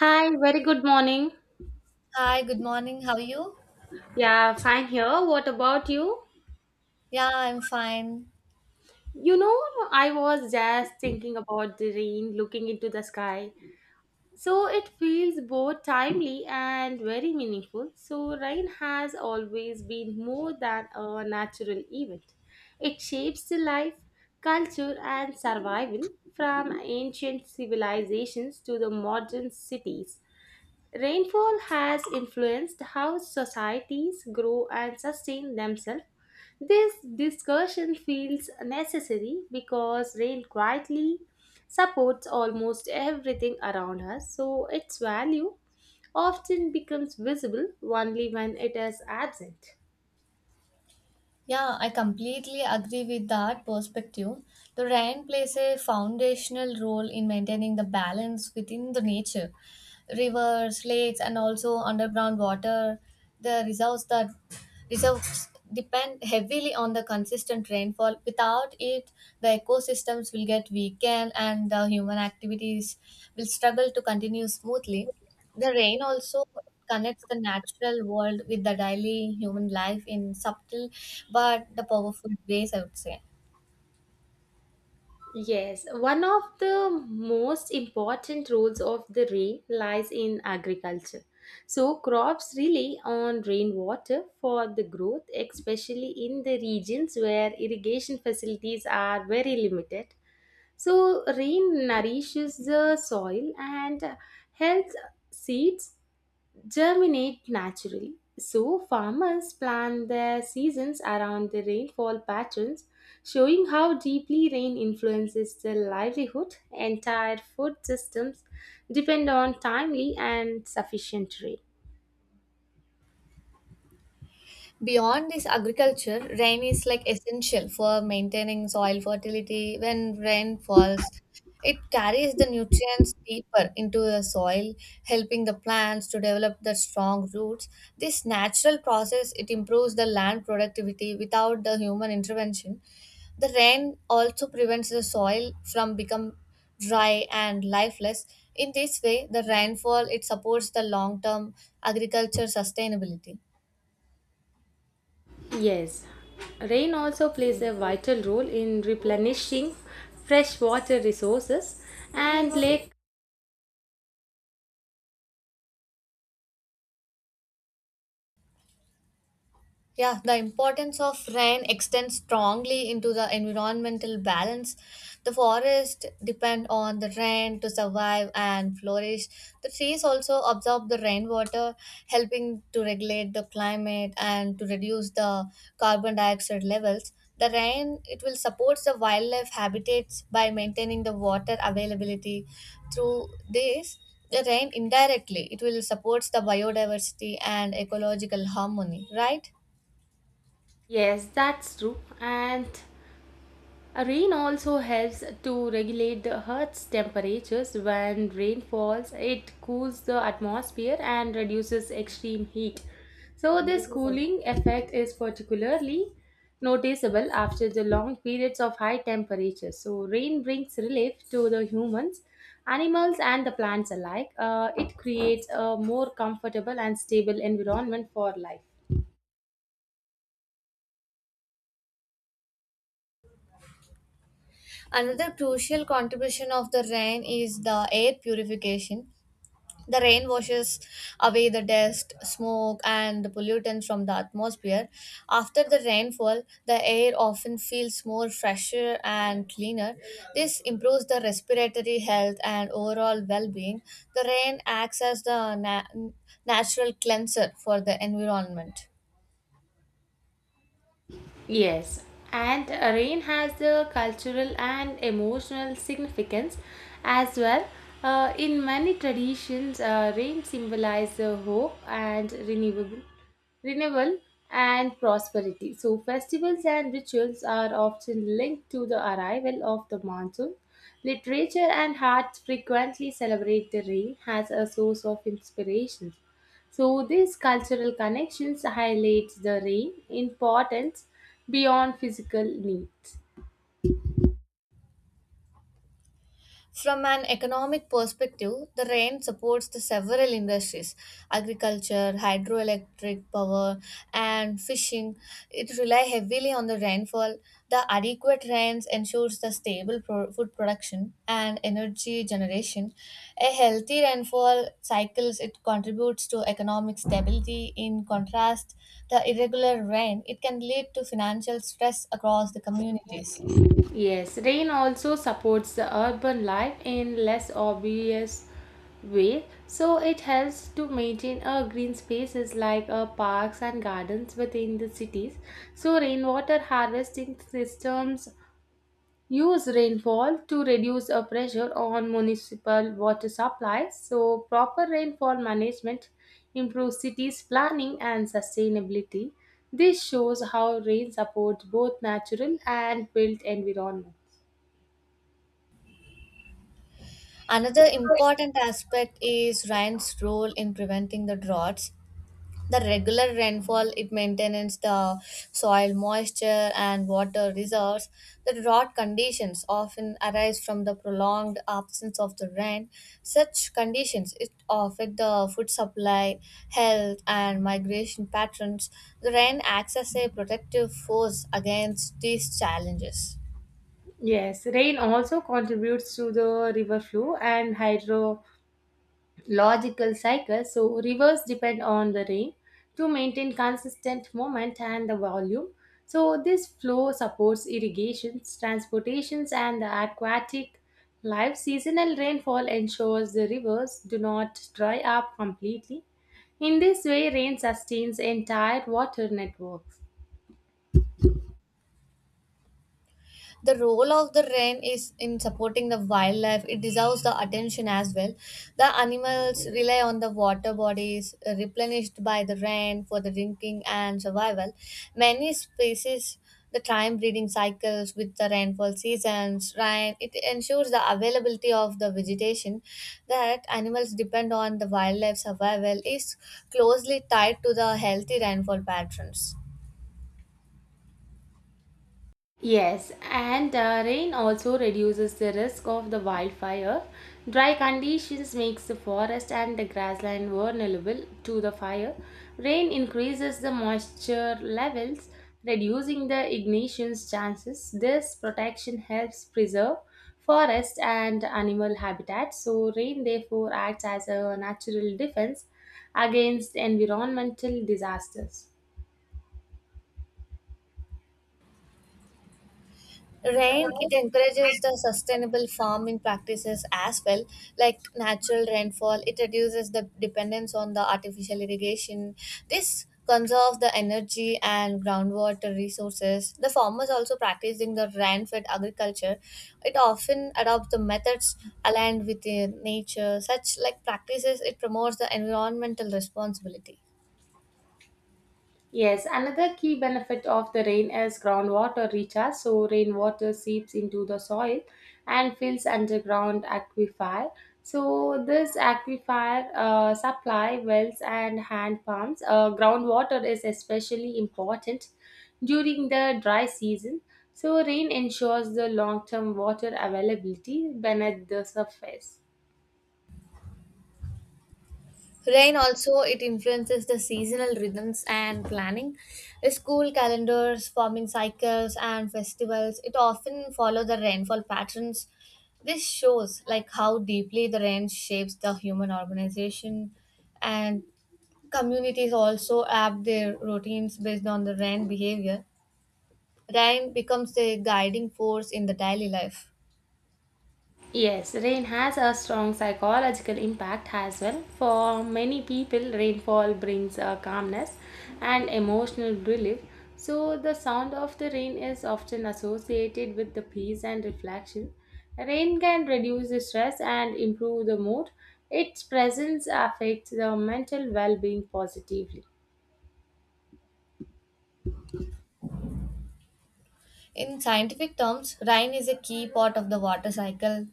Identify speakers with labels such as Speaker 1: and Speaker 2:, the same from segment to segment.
Speaker 1: Hi, very good morning.
Speaker 2: Hi, good morning. How are you?
Speaker 1: Yeah, fine here. What about you?
Speaker 2: Yeah, I'm fine.
Speaker 1: You know, I was just thinking about the rain, looking into the sky. So it feels both timely and very meaningful. So, rain has always been more than a natural event, it shapes the life, culture, and survival from ancient civilizations to the modern cities. Rainfall has influenced how societies grow and sustain themselves. This discussion feels necessary because rain quietly supports almost everything around us, so its value often becomes visible only when it is absent.
Speaker 2: Yeah, I completely agree with that perspective. The rain plays a foundational role in maintaining the balance within the nature. Rivers, lakes, and also underground water, the reserves depend heavily on the consistent rainfall. Without it, the ecosystems will get weakened and the human activities will struggle to continue smoothly. The rain also connects the natural world with the daily human life in subtle but the powerful ways, I would say.
Speaker 1: Yes, one of the most important roles of the rain lies in agriculture. So, crops rely on rainwater for the growth, especially in the regions where irrigation facilities are very limited. So, rain nourishes the soil and helps seeds germinate naturally. So, farmers plan their seasons around the rainfall patterns, showing how deeply rain influences their livelihood. Entire food systems depend on timely and sufficient rain.
Speaker 2: Beyond this agriculture, rain is like essential for maintaining soil fertility. When rain falls, it carries the nutrients deeper into the soil, helping the plants to develop the strong roots. This natural process it improves the land productivity without the human intervention. The rain also prevents the soil from become dry and lifeless. In this way, the rainfall it supports the long-term agriculture sustainability.
Speaker 1: Yes, rain also plays a vital role in replenishing freshwater resources and lake.
Speaker 2: Yeah, the importance of rain extends strongly into the environmental balance. The forest depend on the rain to survive and flourish. The trees also absorb the rainwater, helping to regulate the climate and to reduce the carbon dioxide levels. The rain it will support the wildlife habitats by maintaining the water availability. Through this, the rain indirectly it will support the biodiversity and ecological harmony, right?
Speaker 1: Yes, that's true. And rain also helps to regulate the Earth's temperatures. When rain falls, it cools the atmosphere and reduces extreme heat. So, this cooling effect is particularly noticeable after the long periods of high temperatures. So, rain brings relief to the humans, animals, and the plants alike. It creates a more comfortable and stable environment for life.
Speaker 2: Another crucial contribution of the rain is the air purification. The rain washes away the dust, smoke, and the pollutants from the atmosphere. After the rainfall, the air often feels more fresher and cleaner. This improves the respiratory health and overall well being. The rain acts as the natural cleanser for the environment.
Speaker 1: Yes, and rain has the cultural and emotional significance as well. In many traditions, rain symbolizes renewal and prosperity. So, festivals and rituals are often linked to the arrival of the monsoon. Literature and arts frequently celebrate the rain as a source of inspiration. So these cultural connections highlights the rain importance beyond physical needs.
Speaker 2: From an economic perspective, the rain supports the several industries agriculture, hydroelectric power, and fishing. It rely heavily on the rainfall. The adequate rains ensures the stable food production and energy generation. A healthy rainfall cycles it contributes to economic stability. In contrast, the irregular rain it can lead to financial stress across the communities.
Speaker 1: Yes, rain also supports the urban life in less obvious way. So it helps to maintain a green spaces like parks and gardens within the cities. So rainwater harvesting systems use rainfall to reduce a pressure on municipal water supplies, so proper rainfall management improves cities planning and sustainability. This shows how rain supports both natural and built environments.
Speaker 2: Another important aspect is rain's role in preventing the droughts. The regular rainfall it maintains the soil moisture and water reserves. The drought conditions often arise from the prolonged absence of the rain. Such conditions it affect the food supply, health, and migration patterns. The rain acts as a protective force against these challenges.
Speaker 1: Yes, rain also contributes to the river flow and hydro logical cycle. So rivers depend on the rain to maintain consistent movement and the volume. So this flow supports irrigations, transportations, and the aquatic life. Seasonal rainfall ensures the rivers do not dry up completely. In this way, rain sustains entire water networks.
Speaker 2: The role of the wren is in supporting the wildlife. It deserves the attention as well. The animals rely on the water bodies replenished by the wren for the drinking and survival. Many species the time breeding cycles with the rainfall seasons, rain, it ensures the availability of the vegetation that animals depend on the wildlife survival is closely tied to the healthy rainfall patterns.
Speaker 1: Yes, and rain also reduces the risk of the wildfire. Dry conditions makes the forest and the grassland vulnerable to the fire. Rain increases the moisture levels, reducing the ignition's chances. This protection helps preserve forest and animal habitat. So rain therefore acts as a natural defense against environmental disasters.
Speaker 2: Rain, it encourages the sustainable farming practices as well, like natural rainfall. It reduces the dependence on the artificial irrigation. This conserves the energy and groundwater resources. The farmers also practicing the rain-fed agriculture. It often adopts the methods aligned with the nature. Such like practices, it promotes the environmental responsibility.
Speaker 1: Yes, another key benefit of the rain is groundwater recharge. So, rainwater seeps into the soil and fills underground aquifer. So, this aquifer supply wells and hand pumps. Groundwater is especially important during the dry season. So, rain ensures the long term water availability beneath the surface.
Speaker 2: Rain also it influences the seasonal rhythms and planning. School calendars, farming cycles and festivals it often follow the rainfall patterns. This shows like how deeply the rain shapes the human organization and communities also adapt their routines based on the rain behavior. Rain becomes the guiding force in the daily life.
Speaker 1: Yes, rain has a strong psychological impact as well. For many people, rainfall brings a calmness and emotional relief. So, the sound of the rain is often associated with the peace and reflection. Rain can reduce the stress and improve the mood. Its presence affects the mental well being positively.
Speaker 2: In scientific terms, rain is a key part of the water cycle.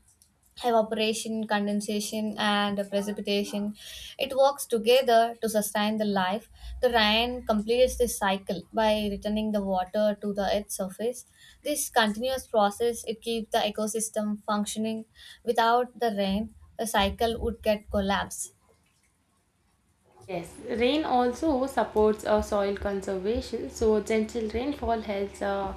Speaker 2: Evaporation, condensation, and precipitation. It works together to sustain the life. The rain completes this cycle by returning the water to the earth's surface. This continuous process it keeps the ecosystem functioning. Without the rain, the cycle would get collapsed.
Speaker 1: Yes, rain also supports soil conservation. So, gentle rainfall helps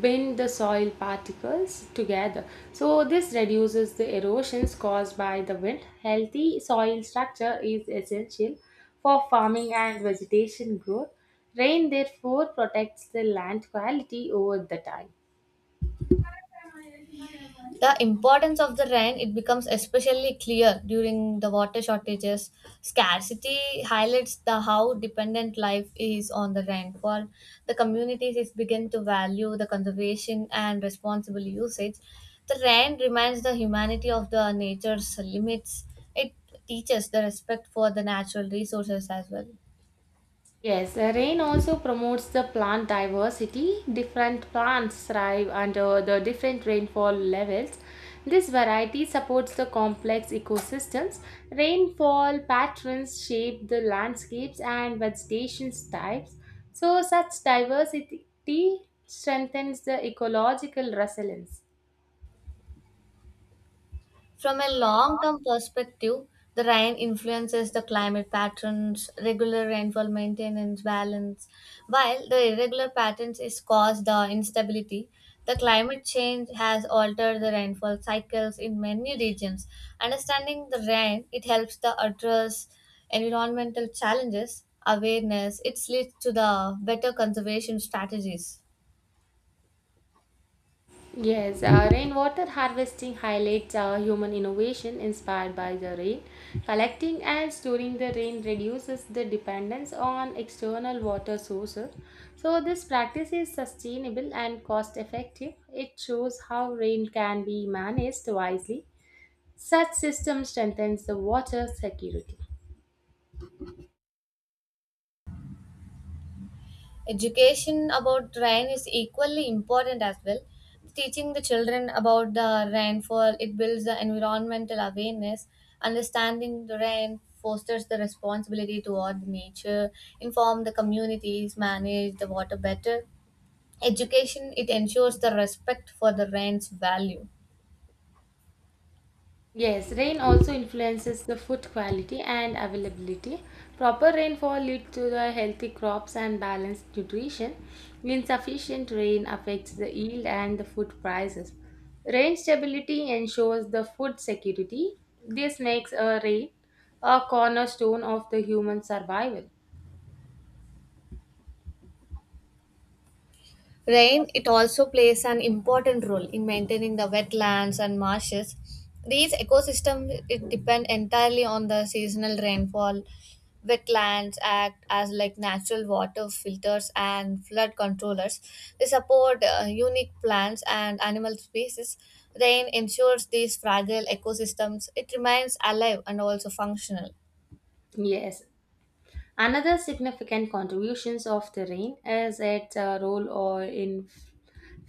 Speaker 1: bind the soil particles together. So, this reduces the erosions caused by the wind. Healthy soil structure is essential for farming and vegetation growth. Rain, therefore, protects the land quality over the time.
Speaker 2: The importance of the rain it becomes especially clear during the water shortages. Scarcity highlights the how dependent life is on the rainfall. The communities is begin to value the conservation and responsible usage. The rain reminds the humanity of the nature's limits. It teaches the respect for the natural resources as well.
Speaker 1: Yes, the rain also promotes the plant diversity. Different plants thrive under the different rainfall levels. This variety supports the complex ecosystems. Rainfall patterns shape the landscapes and vegetation types. So, such diversity strengthens the ecological resilience.
Speaker 2: From a long term perspective, the rain influences the climate patterns, regular rainfall maintenance balance, while the irregular patterns is caused the instability. The climate change has altered the rainfall cycles in many regions. Understanding the rain, it helps the address environmental challenges, awareness, it leads to the better conservation strategies.
Speaker 1: Yes, rainwater harvesting highlights human innovation inspired by the rain. Collecting and storing the rain reduces the dependence on external water sources. So, this practice is sustainable and cost effective. It shows how rain can be managed wisely. Such system strengthens the water security.
Speaker 2: Education about rain is equally important as well. Teaching the children about the rainfall it builds the environmental awareness. Understanding the rain fosters the responsibility toward nature. Inform the communities manage the water better. Education it ensures the respect for the rain's value.
Speaker 1: Yes, rain also influences the food quality and availability. Proper rainfall leads to the healthy crops and balanced nutrition. Insufficient rain affects the yield and the food prices. Rain stability ensures the food security. This makes a rain a cornerstone of the human survival.
Speaker 2: Rain, it also plays an important role in maintaining the wetlands and marshes. These ecosystems it depend entirely on the seasonal rainfall. Wetlands act as like natural water filters and flood controllers. They support unique plants and animal species. Rain ensures these fragile ecosystems it remains alive and also functional.
Speaker 1: Yes, another significant contributions of the rain is its role or in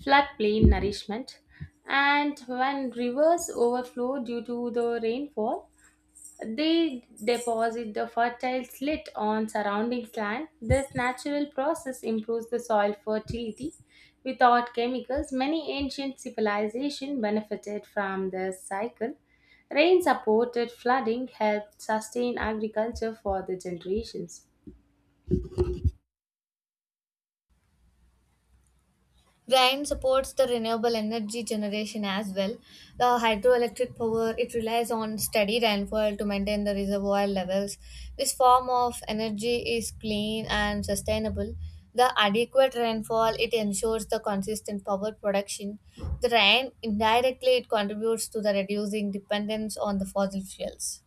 Speaker 1: floodplain nourishment. And when rivers overflow due to the rainfall, they deposit the fertile slit on surrounding land. This natural process improves the soil fertility. Without chemicals, many ancient civilizations benefited from this cycle. Rain supported flooding helped sustain agriculture for the generations.
Speaker 2: Rain supports the renewable energy generation as well. The hydroelectric power it relies on steady rainfall to maintain the reservoir levels. This form of energy is clean and sustainable. The adequate rainfall it ensures the consistent power production. The rain indirectly it contributes to the reducing dependence on the fossil fuels.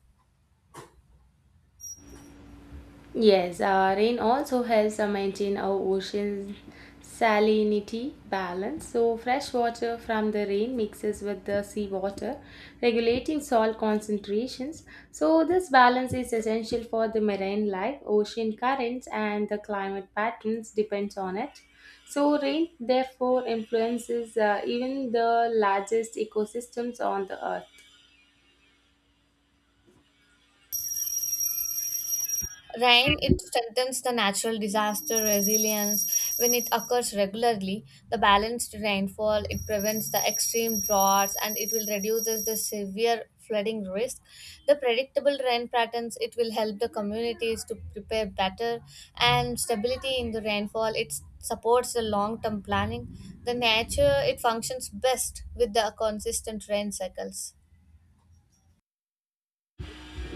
Speaker 1: Yes, rain also helps maintain our ocean salinity balance. So, fresh water from the rain mixes with the seawater, regulating salt concentrations. So, this balance is essential for the marine life. Ocean currents and the climate patterns depends on it. So, rain therefore influences even the largest ecosystems on the earth.
Speaker 2: Rain, it strengthens the natural disaster resilience when it occurs regularly. The balanced rainfall, it prevents the extreme droughts and it will reduces the severe flooding risk. The predictable rain patterns, it will help the communities to prepare better and stability in the rainfall, it supports the long-term planning. The nature, it functions best with the consistent rain cycles.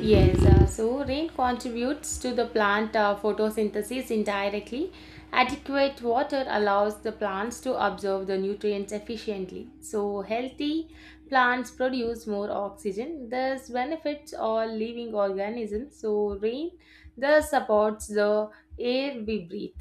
Speaker 1: Yes, so rain contributes to the plant photosynthesis indirectly. Adequate water allows the plants to absorb the nutrients efficiently. So, healthy plants produce more oxygen, thus, benefits all living organisms. So, rain thus supports the air we breathe.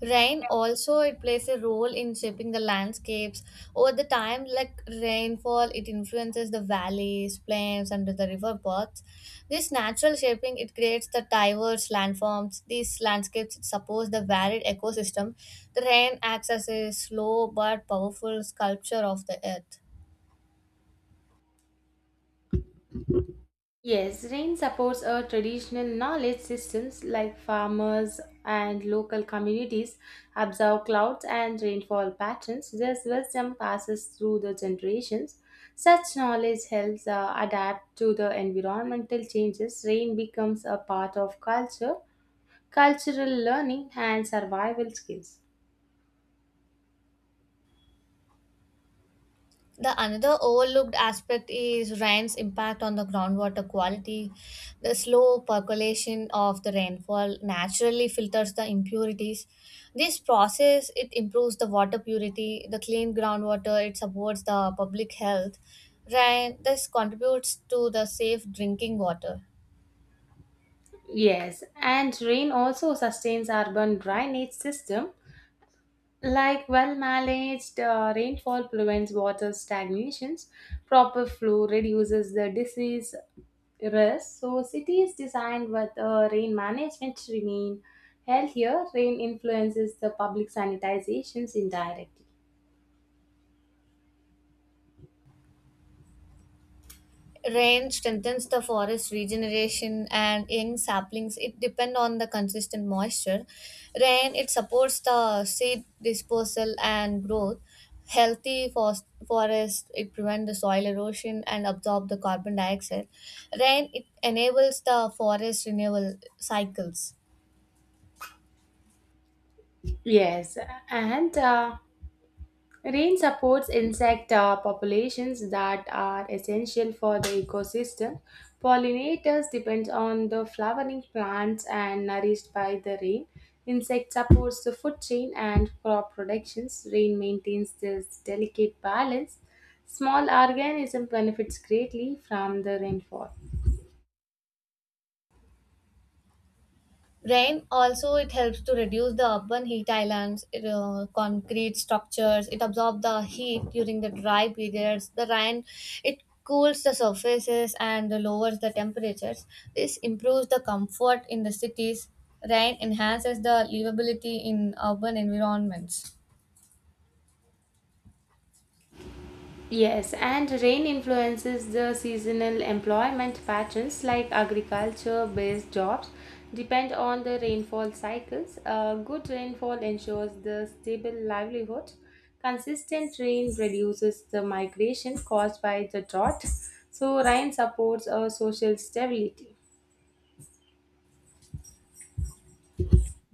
Speaker 2: Rain also it plays a role in shaping the landscapes over the time. Like rainfall, it influences the valleys, plains, and the river paths. This natural shaping it creates the diverse landforms. These landscapes support the varied ecosystem. The rain acts as a slow but powerful sculpture of the earth.
Speaker 1: Yes, rain supports our traditional knowledge systems like farmers and local communities observe clouds and rainfall patterns. This wisdom passes through the generations. Such knowledge helps adapt to the environmental changes. Rain becomes a part of cultural learning, and survival skills.
Speaker 2: The another overlooked aspect is rain's impact on the groundwater quality. The slow percolation of the rainfall naturally filters the impurities. This process it improves the water purity, the clean groundwater, it supports the public health. Rain this contributes to the safe drinking water.
Speaker 1: Yes, and rain also sustains urban drainage system. Like well managed rainfall prevents water stagnations, proper flow reduces the disease risk. So, cities designed with rain management remain healthier. Rain influences the public sanitizations indirectly.
Speaker 2: Rain strengthens the forest regeneration and young saplings. It depend on the consistent moisture. Rain it supports the seed dispersal and growth. Healthy forest it prevent the soil erosion and absorb the carbon dioxide. Rain it enables the forest renewal cycles.
Speaker 1: Yes, and rain supports insect populations that are essential for the ecosystem. Pollinators depend on the flowering plants and nourished by the rain. Insect supports the food chain and crop productions. Rain maintains this delicate balance. Small organism benefits greatly from the rainfall.
Speaker 2: Rain also it helps to reduce the urban heat islands, concrete structures. It absorbs the heat during the dry periods. The rain it cools the surfaces and lowers the temperatures. This improves the comfort in the cities. Rain enhances the livability in urban environments.
Speaker 1: Yes, and rain influences the seasonal employment patterns like agriculture based jobs depend on the rainfall cycles. Good rainfall ensures the stable livelihood. Consistent rain reduces the migration caused by the drought. So, rain supports our social stability.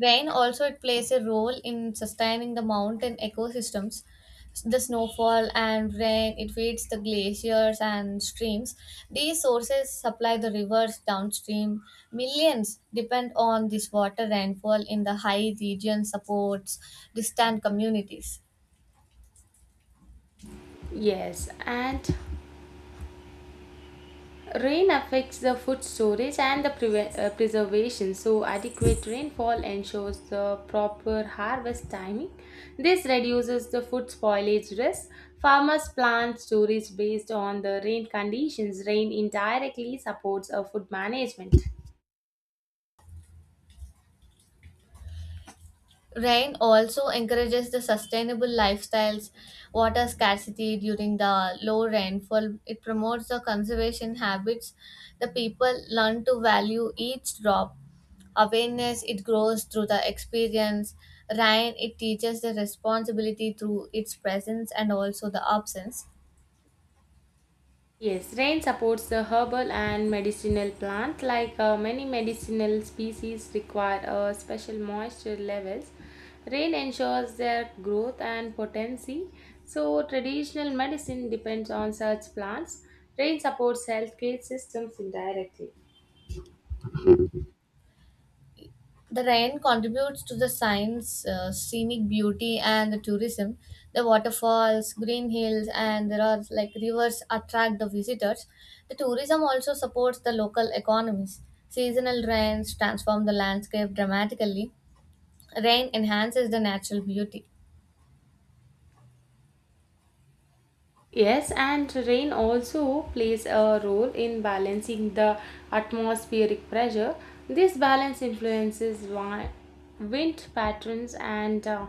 Speaker 2: Rain also it plays a role in sustaining the mountain ecosystems. The snowfall and rain, it feeds the glaciers and streams. These sources supply the rivers downstream. Millions depend on this water rainfall in the high region supports distant communities.
Speaker 1: Yes, and rain affects the food storage and the preservation, so adequate rainfall ensures the proper harvest timing. This reduces the food spoilage risk. Farmers plan storage based on the rain conditions. Rain indirectly supports a food management.
Speaker 2: Rain also encourages the sustainable lifestyles, water scarcity during the low rainfall. It promotes the conservation habits. The people learn to value each drop. Awareness, it grows through the experience. Rain, it teaches the responsibility through its presence and also the absence.
Speaker 1: Yes, rain supports the herbal and medicinal plant. Like many medicinal species require special moisture levels. Rain ensures their growth and potency. So traditional medicine depends on such plants. Rain supports healthcare systems indirectly.
Speaker 2: The rain contributes to the scenic beauty, and the tourism. The waterfalls, green hills, and there are like rivers attract the visitors. The tourism also supports the local economies. Seasonal rains transform the landscape dramatically. Rain enhances the natural beauty.
Speaker 1: Yes, and rain also plays a role in balancing the atmospheric pressure. This balance influences wind patterns and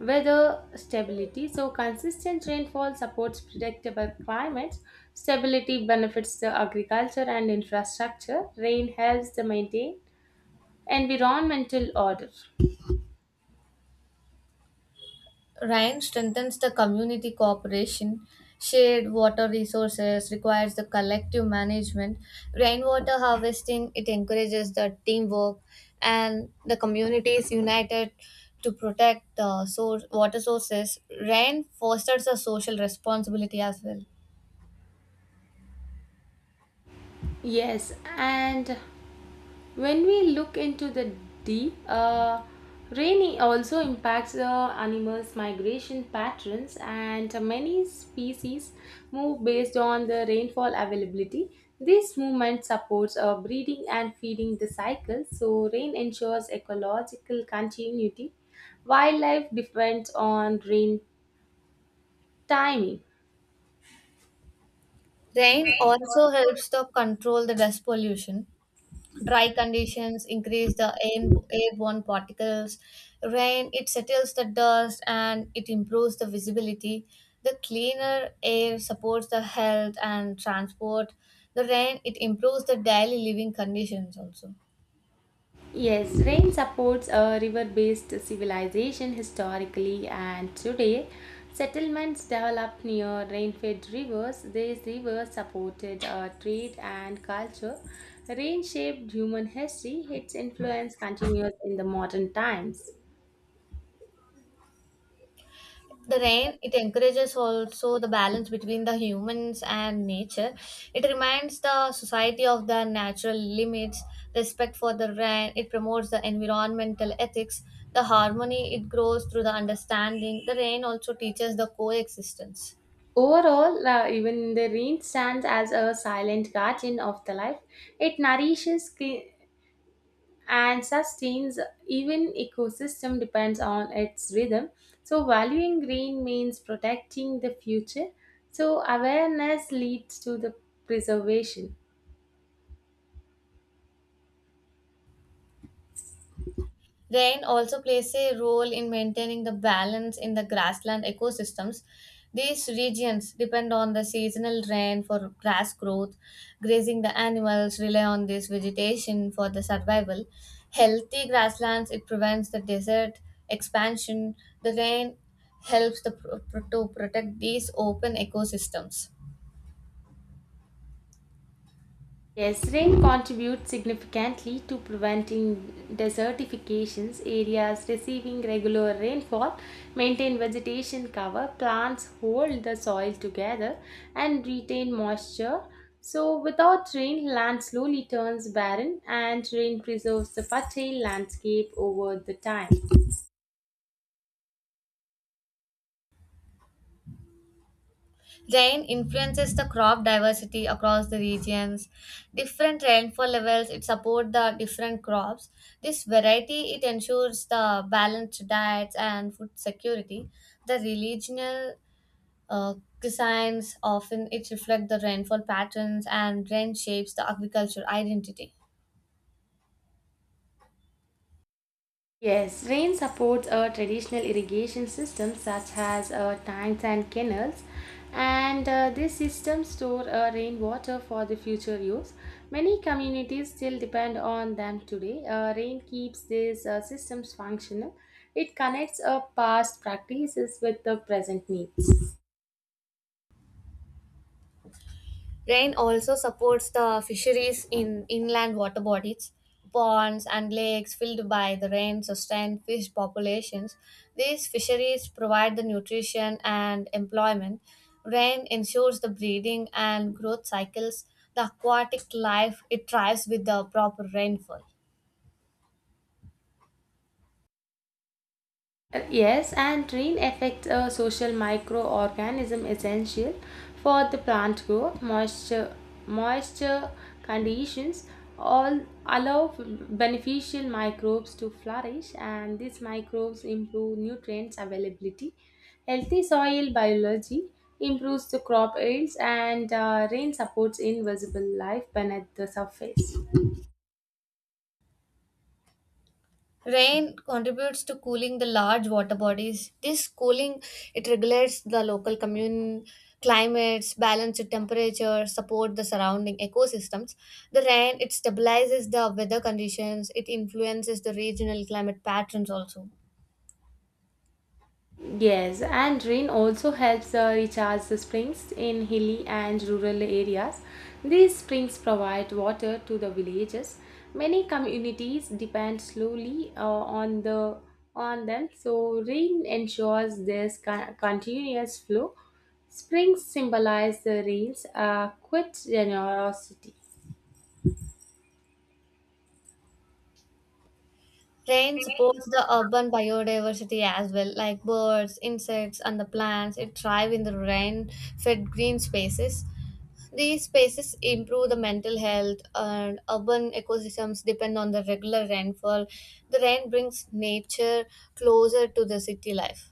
Speaker 1: weather stability. So, consistent rainfall supports predictable climates. Stability benefits the agriculture and infrastructure. Rain helps to maintain environmental order.
Speaker 2: Ryan strengthens the community cooperation. Shared water resources requires the collective management. Rainwater harvesting it encourages the teamwork, and the community is united to protect the source, water sources. Rain fosters a social responsibility as well.
Speaker 1: Yes, and when we look into the deep rain also impacts the animals migration patterns, and many species move based on the rainfall availability. This movement supports breeding and feeding the cycle, so rain ensures ecological continuity. Wildlife depends on rain timing.
Speaker 2: Rain also helps to control the dust pollution. Dry conditions increase airborne particles. Rain, it settles the dust and it improves the visibility. The cleaner air supports the health and transport. The rain, it improves the daily living conditions also.
Speaker 1: Yes, rain supports a river based civilization historically, and today settlements developed near rain fed rivers. These rivers supported trade and culture. Rain shaped human history, its influence continues in the modern times.
Speaker 2: The rain it encourages also the balance between the humans and nature. It reminds the society of the natural limits. Respect for the rain it promotes the environmental ethics. The harmony it grows through the understanding. The rain also teaches the coexistence.
Speaker 1: Overall, even the rain stands as a silent guardian of the life. It nourishes and sustains, even ecosystem depends on its rhythm, so valuing green means protecting the future, so awareness leads to the preservation.
Speaker 2: Rain also plays a role in maintaining the balance in the grassland ecosystems. These regions depend on the seasonal rain for grass growth, grazing the animals rely on this vegetation for the survival. Healthy grasslands it prevents the desert expansion. The rain helps to protect these open ecosystems.
Speaker 1: Yes, rain contributes significantly to preventing desertifications. Areas receiving regular rainfall maintain vegetation cover, plants hold the soil together and retain moisture. So, without rain, land slowly turns barren, and rain preserves the fertile landscape over the time.
Speaker 2: Rain influences the crop diversity across the regions. Different rainfall levels it support the different crops. This variety it ensures the balanced diets and food security. The regional uh, cuisines often it reflect the rainfall patterns and rain shapes the agricultural identity.
Speaker 1: Yes, rain supports our traditional irrigation systems such as tanks and canals, and these systems store rainwater for the future use. Many communities still depend on them today. Rain keeps these systems functional. It connects past practices with the present needs.
Speaker 2: Rain also supports the fisheries in inland water bodies. Ponds and lakes filled by the rain sustain fish populations. These fisheries provide the nutrition and employment. Rain ensures the breeding and growth cycles. The aquatic life it thrives with the proper rainfall.
Speaker 1: Yes and rain affects a social microorganism essential for the plant growth. Moisture conditions all allow beneficial microbes to flourish, and these microbes improve nutrients availability. Healthy soil biology improves the crop yields, and rain supports invisible life beneath the surface.
Speaker 2: Rain contributes to cooling the large water bodies. This cooling it regulates the local commune climates, balance the temperature, support the surrounding ecosystems. The rain it stabilizes the weather conditions, it influences the regional climate patterns also.
Speaker 1: Yes, and rain also helps recharge the springs in hilly and rural areas. These springs provide water to the villages. Many communities depend slowly on the on them, so rain ensures this continuous flow. Springs symbolize the rain's quiet generosity.
Speaker 2: Rain supports the urban biodiversity as well, like birds, insects, and the plants. It thrive in the rain fed green spaces. These spaces improve the mental health, and urban ecosystems depend on the regular rainfall. The rain brings nature closer to the city life.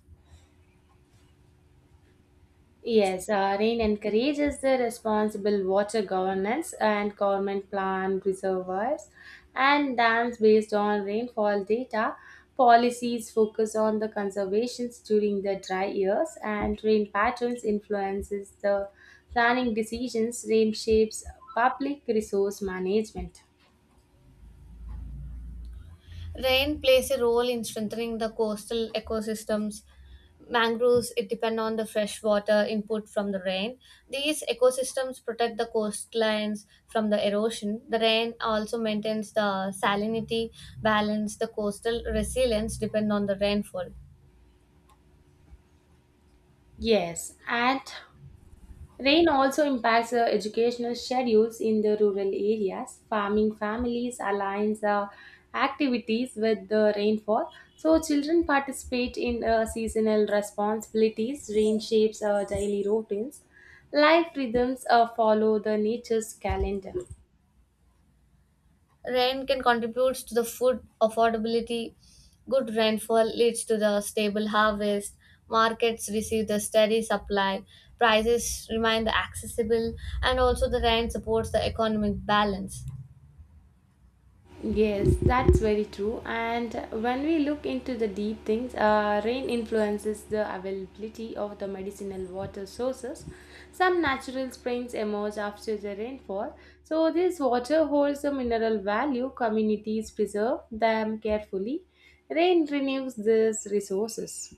Speaker 1: Yes, rain encourages the responsible water governance, and government plan reservoirs and dams based on rainfall data. Policies focus on the conservations during the dry years, and rain patterns influences the planning decisions. Rain shapes public resource management.
Speaker 2: Rain plays a role in strengthening the coastal ecosystems. Mangroves it depend on the fresh water input from the rain. These ecosystems protect the coastlines from the erosion. The rain also maintains the salinity balance. The coastal resilience depend on the rainfall.
Speaker 1: Yes, and rain also impacts the educational schedules in the rural areas. Farming families align the activities with the rainfall, so children participate in seasonal responsibilities. Rain shapes daily routines. Life rhythms follow the nature's calendar.
Speaker 2: Rain can contribute to the food affordability. Good rainfall leads to the stable harvest. Markets receive the steady supply. Prices remain the accessible, and also the rain supports the economic balance.
Speaker 1: Yes, that's very true. And when we look into the deep things, rain influences the availability of the medicinal water sources. Some natural springs emerge after the rainfall, so this water holds a mineral value. Communities preserve them carefully. Rain renews these resources.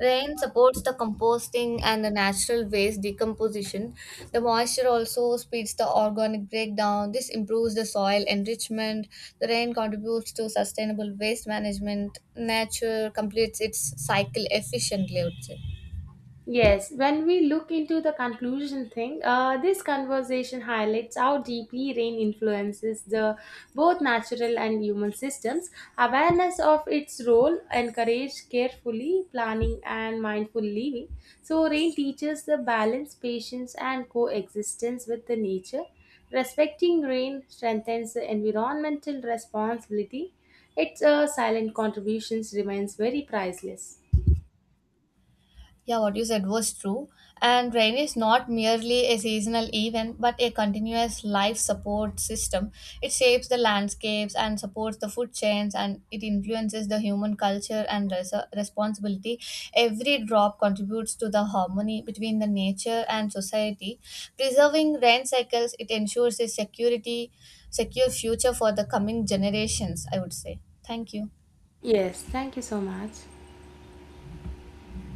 Speaker 2: Rain supports the composting and the natural waste decomposition. The moisture also speeds the organic breakdown. This improves the soil enrichment. The rain contributes to sustainable waste management. Nature completes its cycle efficiently, I would say.
Speaker 1: Yes, when we look into the conclusion thing, this conversation highlights how deeply rain influences the both natural and human systems. Awareness of its role encourage carefully planning and mindful living. So rain teaches the balance, patience, and coexistence with the nature. Respecting rain strengthens the environmental responsibility. Its silent contributions remains very priceless.
Speaker 2: Yeah, what you said was true. And rain is not merely a seasonal event, but a continuous life support system. It shapes the landscapes and supports the food chains, and it influences the human culture and responsibility. Every drop contributes to the harmony between the nature and society. Preserving rain cycles, it ensures secure future for the coming generations. I would say. Thank you.
Speaker 1: Yes, thank you so much.